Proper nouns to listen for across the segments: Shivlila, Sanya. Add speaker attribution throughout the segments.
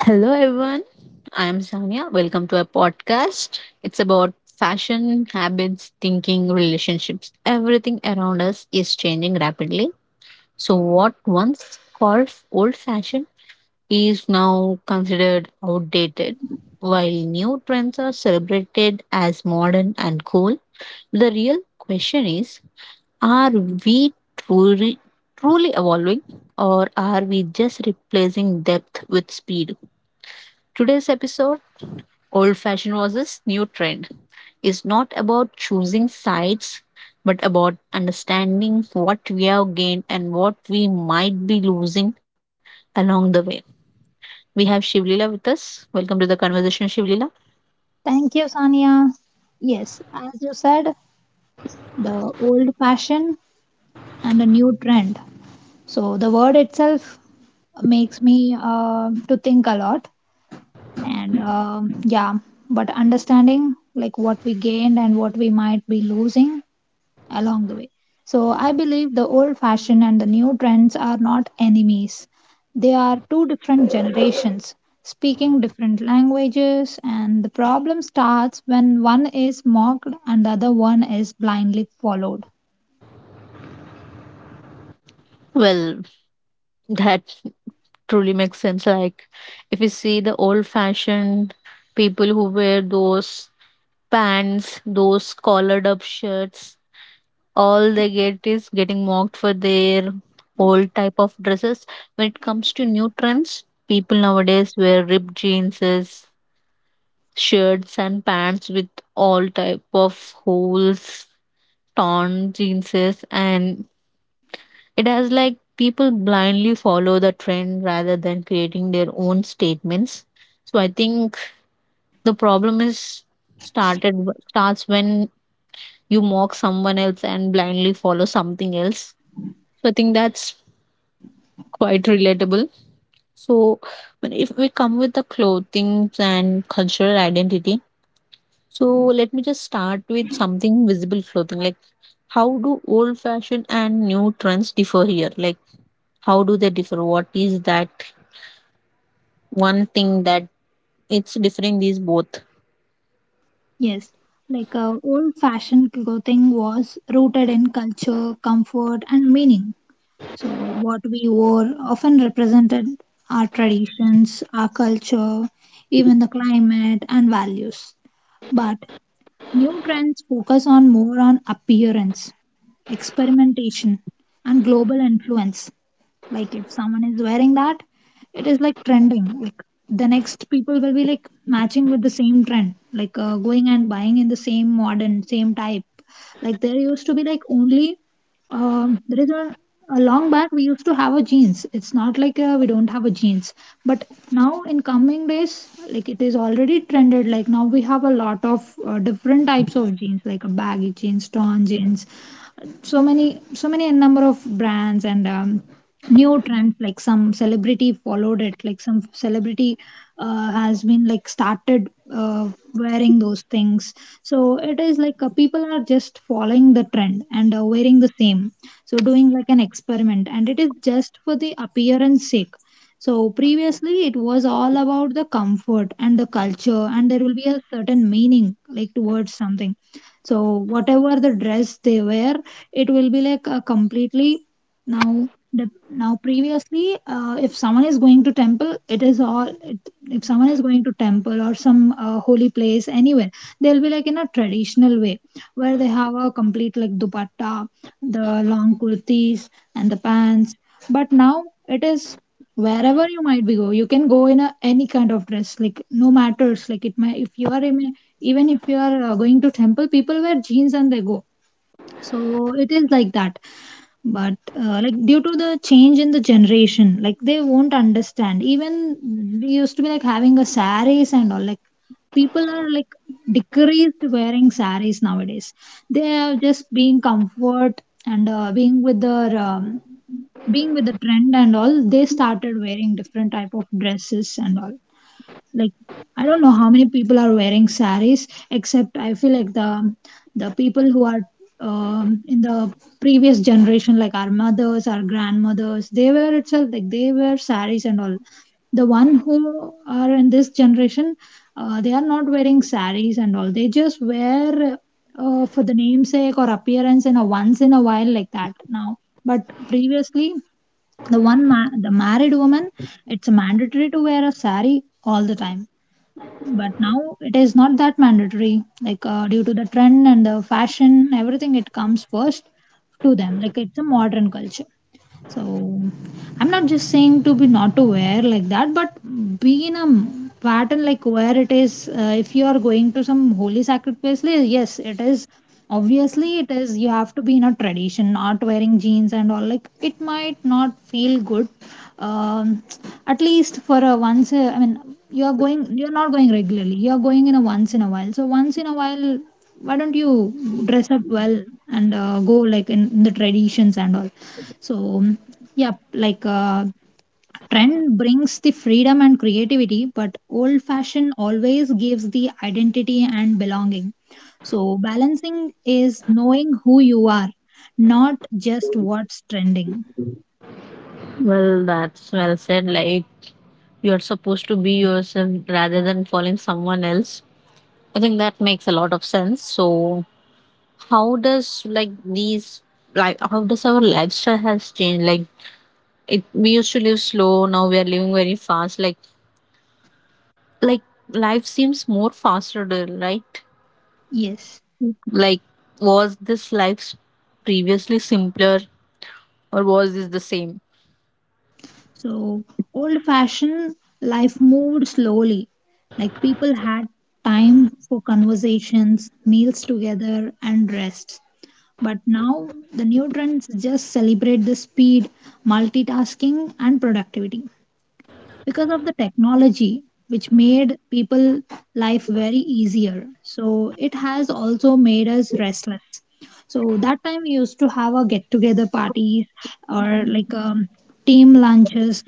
Speaker 1: Hello, everyone. I am Sanya. Welcome to our podcast. It's about fashion, habits, thinking, relationships. Everything around us is changing rapidly. So, what once called old fashioned is now considered outdated, while new trends are celebrated as modern and cool. The real question is, are we truly evolving, or are we just replacing depth with speed? Today's episode, "Old fashioned versus new trend," is not about choosing sides, but about understanding what we have gained and what we might be losing along the way. We have Shivlila with us. Welcome to the conversation, Shivlila.
Speaker 2: Thank you, Sania. Yes, as you said, the old fashion and a new trend. So the word itself makes me to think a lot, and um yeah, but understanding like what we gained and what we might be losing along the way. So, I believe the old fashioned and the new trends are not enemies. They are two different generations speaking different languages, and the problem starts when one is mocked and the other one is blindly followed.
Speaker 1: Well, that truly makes sense. Like, if you see the old fashioned people who wear those pants, those collared up shirts, all they get is getting mocked for their old type of dresses. When it comes to new trends, people nowadays wear ripped jeans, shirts and pants with all type of holes, torn jeans, and it has like people blindly follow the trend rather than creating their own statements. So I think the problem is started starts when you mock someone else and blindly follow something else. So I think that's quite relatable. So, if we come with the clothing and cultural identity, so let me just start with something visible, clothing. Like, how do old fashioned and new trends differ here? Like, how do they differ? What is that one thing that it's differing these both?
Speaker 2: Yes, old fashioned clothing was rooted in culture, comfort, and meaning. So, what we wore often represented our traditions, our culture, even the climate and values. But new trends focus on more on appearance, experimentation, and global influence. Like if someone is wearing that, it is like trending. Like the next people will be like matching with the same trend, going and buying in the same modern, same type. Like there used to be like only um, there is a, a long back we used to have a jeans. It's not we don't have a jeans, but now in coming days, like it is already trended. Like now we have a lot of different types of jeans, like a baggy jeans, torn jeans, so many number of brands and new trends like some celebrity followed it like some celebrity has been like started wearing those things, so it is people are just following the trend and wearing the same, so doing like an experiment and it is just for the appearance sake. So previously it was all about the comfort and the culture, and there will be a certain meaning like towards something. So whatever the dress they wear, it will be like a completely, now previously, if someone is going to temple, it is all. It, if someone is going to temple or some holy place anywhere, they'll be like in a traditional way, where they have a complete like dupatta, the long kurtis and the pants. But now it is wherever you might be go, you can go in any kind of dress, like no matters. Like it may, if you are even if you are going to temple, people wear jeans and they go. So it is like that, but like due to the change in the generation, like they won't understand. Even we used to be like having a saris and all, like people are like decreased wearing saris nowadays. They are just being comfort and being with their being with the trend and all, they started wearing different type of dresses and all, like I don't know how many people are wearing saris except I feel like the people who are in the previous generation, like our mothers, our grandmothers, they were itself like they wear saris and all. The one who are in this generation, they are not wearing saris and all, they just wear for the namesake or appearance in a once in a while like that now. But previously, the the married woman, it's mandatory to wear a sari all the time, but now it is not that mandatory, due to the trend and the fashion, everything it comes first to them. Like it's a modern culture. So, I'm not just saying to be not to wear like that, but be in a pattern like where it is. If you are going to some holy sacred place, like, yes, it is. Obviously, it is. You have to be in a tradition, not wearing jeans and all. Like it might not feel good. Um, at least for a once. I mean, you are going. You are not going regularly. You are going in a once in a while. So once in a while, why don't you dress up well and go like in the traditions and all. So, yeah, trend brings the freedom and creativity, but old fashion always gives the identity and belonging. So, balancing is knowing who you are, not just what's trending.
Speaker 1: Well, that's well said. Like, you're supposed to be yourself rather than following someone else. I think that makes a lot of sense. So, how does like these like how does our lifestyle has changed? Like, it, we used to live slow, now we are living very fast. Like, like life seems more faster, right?
Speaker 2: Yes.
Speaker 1: Like, was this life previously simpler, or was this the same?
Speaker 2: So, old fashioned life moved slowly. Like people had time for conversations, meals together, and rest. But now the new trends just celebrate the speed, multitasking, and productivity. Because of the technology, which made people life very easier, so it has also made us restless. So that time we used to have a get together parties or like team lunches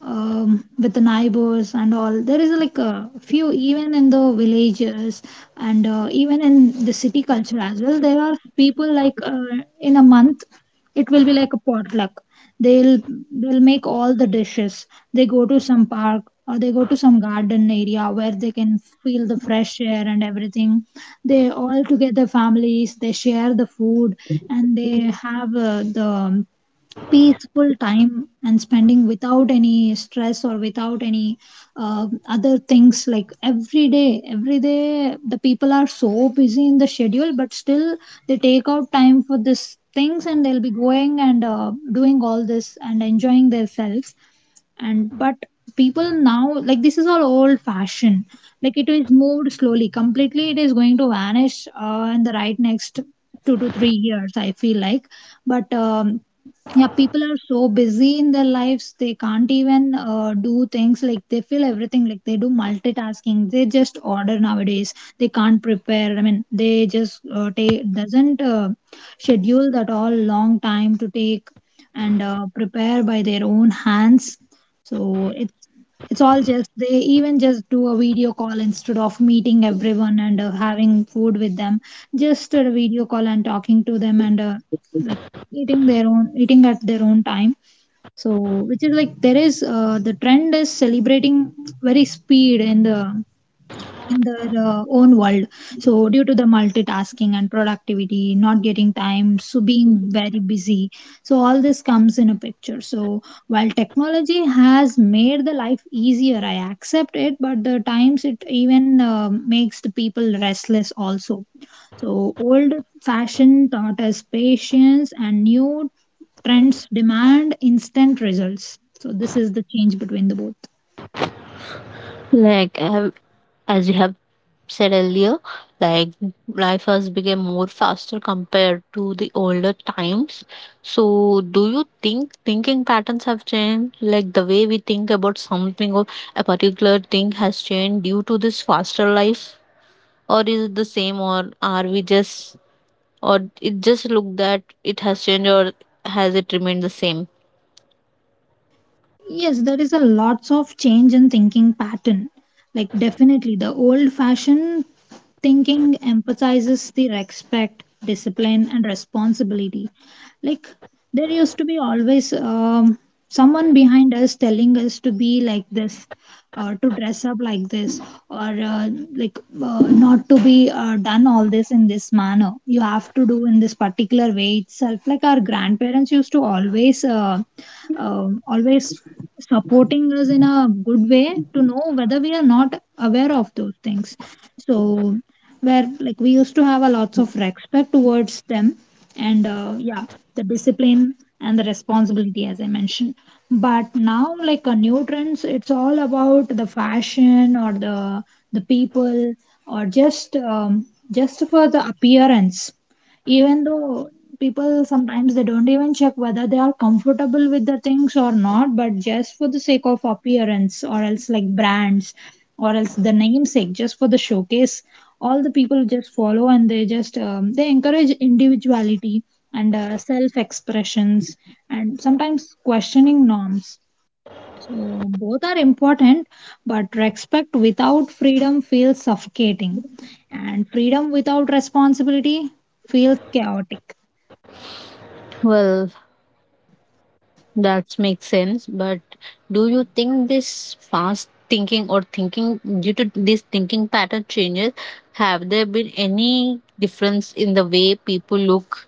Speaker 2: um, with the neighbors and all. There is like a few, even in the villages and even in the city culture as well. There are people in a month it will be like a potluck. They'll they'll make all the dishes. They go to some park or they go to some garden area where they can feel the fresh air and everything. They all together families, they share the food, and they have the peaceful time and spending without any stress or without any other things. Like every day the people are so busy in the schedule, but still they take out time for this things, and they'll be going and doing all this and enjoying themselves. And but people now, like this is all old fashioned, like it is moved slowly completely, it is going to vanish in the right next 2 to 3 years I feel like. But yeah, people are so busy in their lives, they can't even do things. Like they feel everything, like they do multitasking, they just order nowadays, they can't prepare. I mean, they just take doesn't schedule that all long time to take and prepare by their own hands. So it's all just they even just do a video call instead of meeting everyone and having food with them. Just a video call and talking to them and like eating at their own time. So which is like there is the trend is celebrating very speed in the in their own world. So, due to the multitasking and productivity, not getting time, so being very busy, so all this comes in a picture. So, while technology has made the life easier, I accept it, but the times it even makes the people restless also. So, old fashioned taught us patience, and new trends demand instant results. So, this is the change between the both.
Speaker 1: Like, as you have said earlier, like life has become more faster compared to the older times. So, do you think thinking patterns have changed? Like the way we think about something or a particular thing has changed due to this faster life, or is it the same, or are we just, or it just look that it has changed, or has it remained the same?
Speaker 2: Yes, there is a lots of change in thinking pattern. Like definitely the old fashioned thinking emphasizes the respect, discipline and responsibility. Like there used to be always someone behind us telling us to be like this or to dress up like this or not to be done all this in this manner, you have to do in this particular way itself. Like our grandparents used to always supporting us in a good way to know whether we are not aware of those things. So, where like we used to have a lots of respect towards them, and yeah, the discipline and the responsibility, as I mentioned. But now, like a new trends, it's all about the fashion or the people or just for the appearance. Even though people sometimes they don't even check whether they are comfortable with the things or not, but just for the sake of appearance or else like brands or else the namesake just for the showcase, all the people just follow and they just they encourage individuality and self expressions and sometimes questioning norms. So both are important, but respect without freedom feels suffocating, and freedom without responsibility feels chaotic.
Speaker 1: Well, that makes sense. But do you think this fast thinking, or thinking due to this thinking pattern changes, have there been any difference in the way people look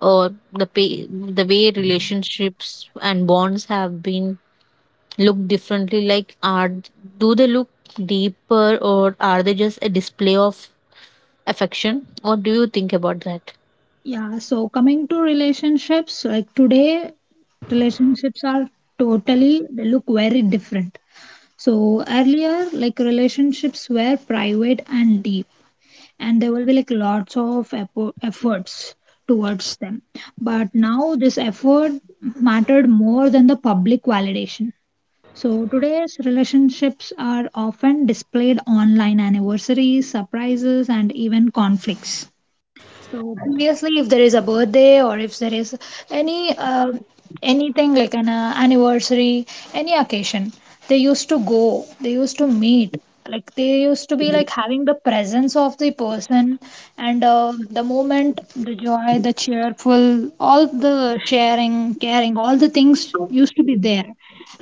Speaker 1: or the pay, the way relationships and bonds have been looked differently? Like, are, do they look deeper, or are they just a display of affection? What do you think about that?
Speaker 2: Yeah, so coming to relationships, like today, relationships are totally, they look very different. So earlier, like relationships were private and deep, and there will be like lots of efforts towards them. But now, this effort mattered more than the public validation. So today's relationships are often displayed online anniversaries, surprises, and even conflicts. So previously, if there is a birthday or if there is any anything like an anniversary, any occasion, they used to go, they used to meet. Like they used to be like having the presence of the person and the moment, the joy, the cheerful, all the sharing, caring, all the things used to be there.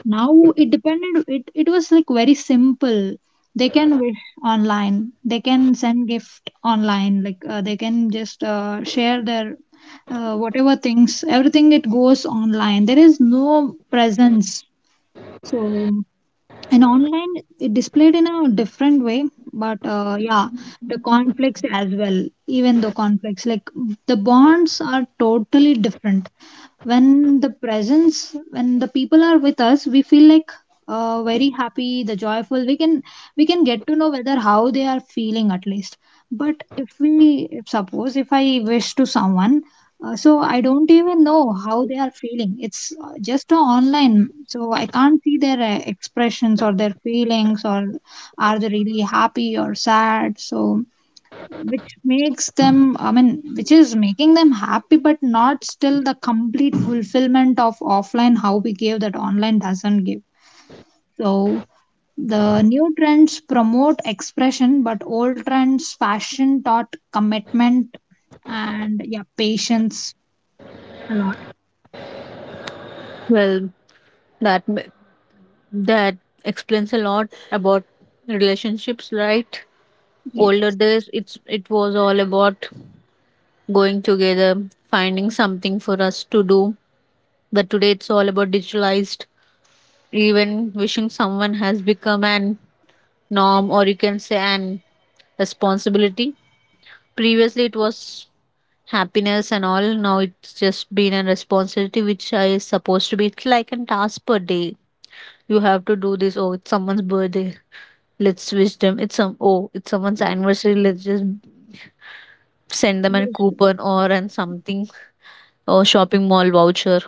Speaker 2: Now it depended, it was like very simple. They can wish online, they can send gift online, they can just share their whatever things, everything it goes online. There is no presence. So, in online it displayed in a different way, but the conflicts as well, even though conflicts, like the bonds are totally different when the presence when the people are with us we feel like very happy the joyful we can get to know whether how they are feeling at least but if suppose if I wish to someone so I don't even know how they are feeling. It's just a online so I can't see their expressions or their feelings or are they really happy or sad so which makes them, which is making them happy but not still the complete fulfillment of offline how we gave that online doesn't give. So the new trends promote expression but old trends fashion taught commitment and yeah, patience a lot.
Speaker 1: Well, that that explains a lot about relationships, right?
Speaker 2: Yeah.
Speaker 1: Older days, it's, it was all about going together, finding something for us to do, but today it's all about digitalized. Even wishing someone has become an norm, or you can say an responsibility. Previously it was happiness and all, now it's just been a responsibility, which I is supposed to be, it's like a task per day. You have to do this. Oh, it's someone's birthday, let's wish them. It's some, oh, it's someone's anniversary, let's just send them a coupon or and something, or shopping mall voucher.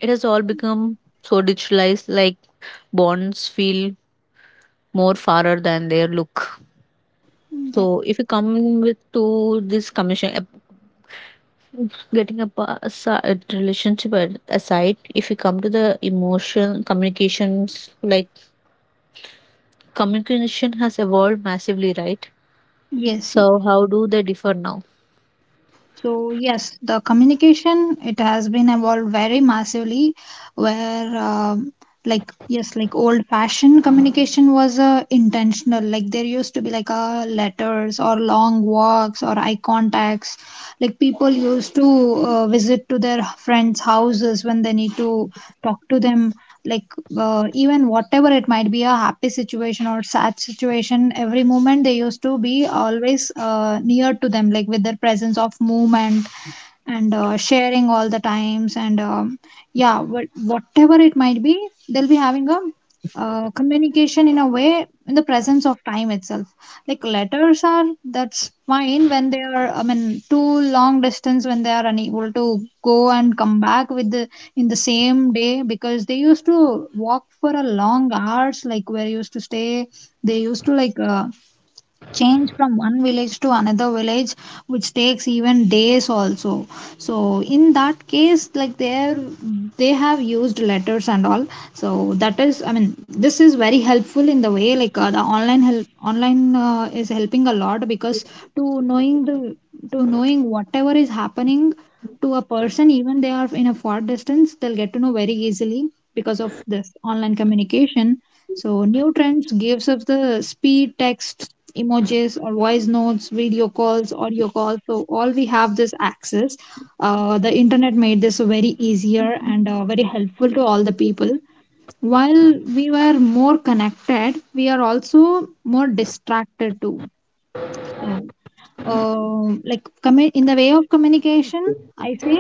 Speaker 1: It has all become so digitalized, like bonds feel more fairer than their look.
Speaker 2: Yep.
Speaker 1: So if you come with to this commission, getting a aside, relationship aside, if you come to the emotion communications, like communication has evolved massively, right?
Speaker 2: Yes.
Speaker 1: So how do they differ now?
Speaker 2: So yes, the communication it has been evolved very massively, where like yes, like old-fashioned communication was intentional. Like there used to be like letters or long walks or eye contacts. Like people used to visit to their friends' houses when they need to talk to them, like even whatever it might be a happy situation or sad situation, every moment they used to be always near to them, like with their presence of movement and sharing all the times, and whatever it might be they'll be having a communication in a way in the presence of time itself. Like letters are that's fine when they are, I mean, too long distance when they are unable to go and come back with the in the same day because they used to walk for a long hours, like where used to stay. They used to like change from one village to another village, which takes even days also. So in that case, like there they have used letters and all. So that is, I mean, this is very helpful in the way like the online help online is helping a lot because to knowing the to knowing whatever is happening to a person even they are in a far distance, they'll get to know very easily because of this online communication. So new trends gives us the speed, text, emojis, or voice notes, video calls, audio calls. So all we have this access. The internet made this very easier and very helpful to all the people. While we were more connected, we are also more distracted too. So, like in the way of communication, I say,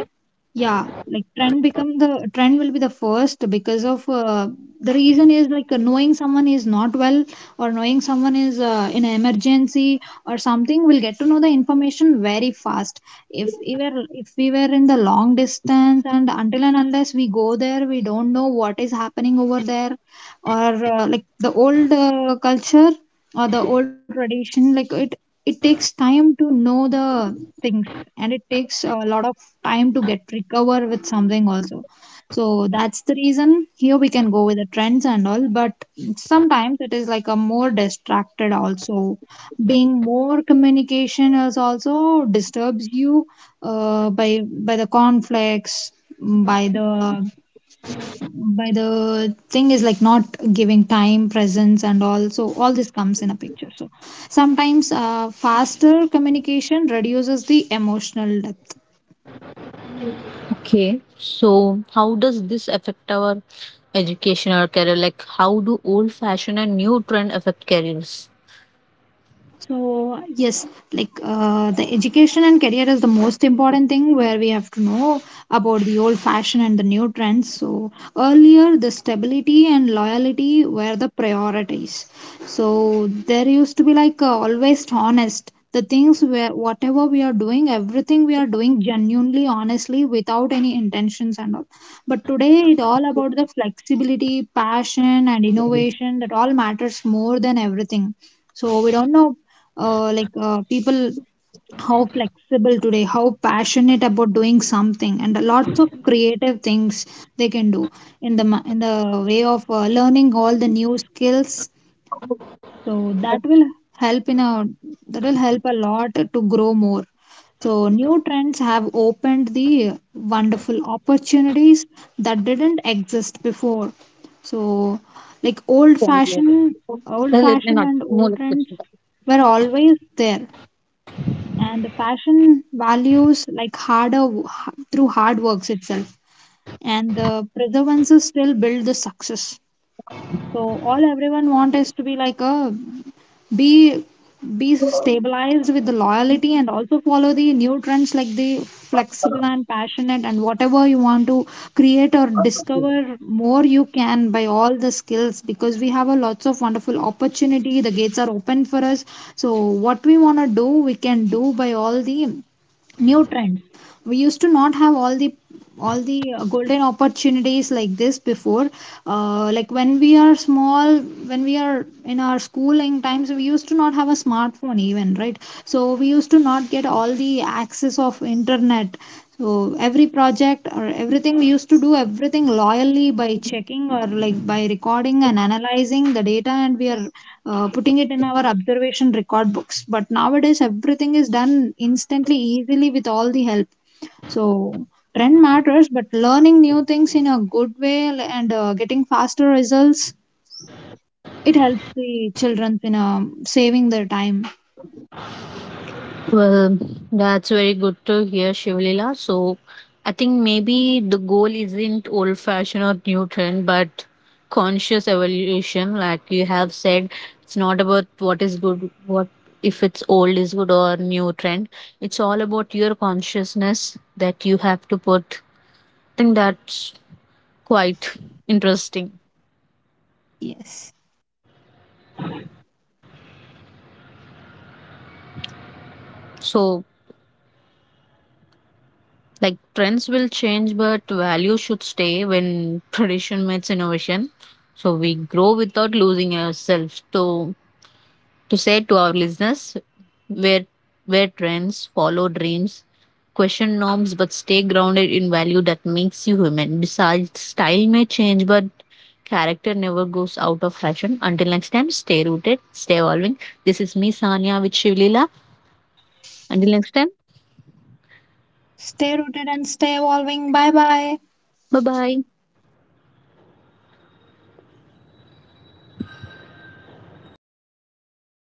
Speaker 2: yeah, like trend become the trend will be the first because of the reason is like knowing someone is not well or knowing someone is in an emergency or something. We'll get to know the information very fast. If we were in the long distance and until and unless we go there, we don't know what is happening over there or like the old culture or the old tradition, like it takes time to know the things, and it takes a lot of time to get recover with something also. So that's the reason here we can go with the trends and all, but sometimes it is like a more distracted also. Being more communication is also disturbs you uh, by by the conflicts, by the by the thing is like not giving time presence and all, so all this comes in a picture. So sometimes faster communication reduces the emotional depth.
Speaker 1: Okay, so how does this affect our education or career? Like, how do old fashion and new trend affect careers?
Speaker 2: So, yes, like the education and career is the most important thing where we have to know about the old fashion and the new trends. So, earlier the stability and loyalty were the priorities. So, there used to be like always honest. The things where whatever we are doing, everything we are doing genuinely, honestly, without any intentions and all. But today it's all about the flexibility, passion, and innovation that all matters more than everything. So we don't know, people how flexible today, how passionate about doing something, and lots of creative things they can do in the in the way of learning all the new skills. So that will help in a that will help a lot to grow more. So new trends have opened the wonderful opportunities that didn't exist before. So like old fashioned, old
Speaker 1: Well, it may
Speaker 2: fashioned
Speaker 1: not.
Speaker 2: and old trends were always there, and the fashion values like harder through hard works itself, and the preservances still build the success. So all everyone want is to be like a be be stabilized with the loyalty and also follow the new trends, like the flexible and passionate, and whatever you want to create or discover more you can by all the skills, because we have a lots of wonderful opportunity, the gates are open for us. So what we want to do we can do by all the new trends. We used to not have all the golden opportunities like this before. Like when we are small, when we are in our schooling times, we used to not have a smartphone even, right? So we used to not get all the access of internet. So every project or everything we used to do, everything loyally by checking or like by recording and analyzing the data, and we are putting it in our observation record books, but nowadays everything is done instantly, easily, with all the help. So trend matters, but learning new things in a good way and getting faster results, it helps the children in saving their time.
Speaker 1: Well, that's very good to hear, Shivlila. So, I think maybe the goal isn't old fashioned or new trend, but conscious evolution. Like you have said, it's not about what is good, what, if it's old is good or new trend. It's all about your consciousness that you have to put. I think that's quite interesting.
Speaker 2: Yes.
Speaker 1: So, like trends will change, but value should stay when tradition meets innovation. So we grow without losing ourselves. To say to our listeners, where where trends follow dreams, question norms, but stay grounded in value that makes you human. Besides, style may change, but character never goes out of fashion. Until next time, stay rooted, stay evolving. This is me, Sanya, with Shivlila. Until next time,
Speaker 2: Stay rooted and stay evolving. Bye bye.
Speaker 1: bye bye.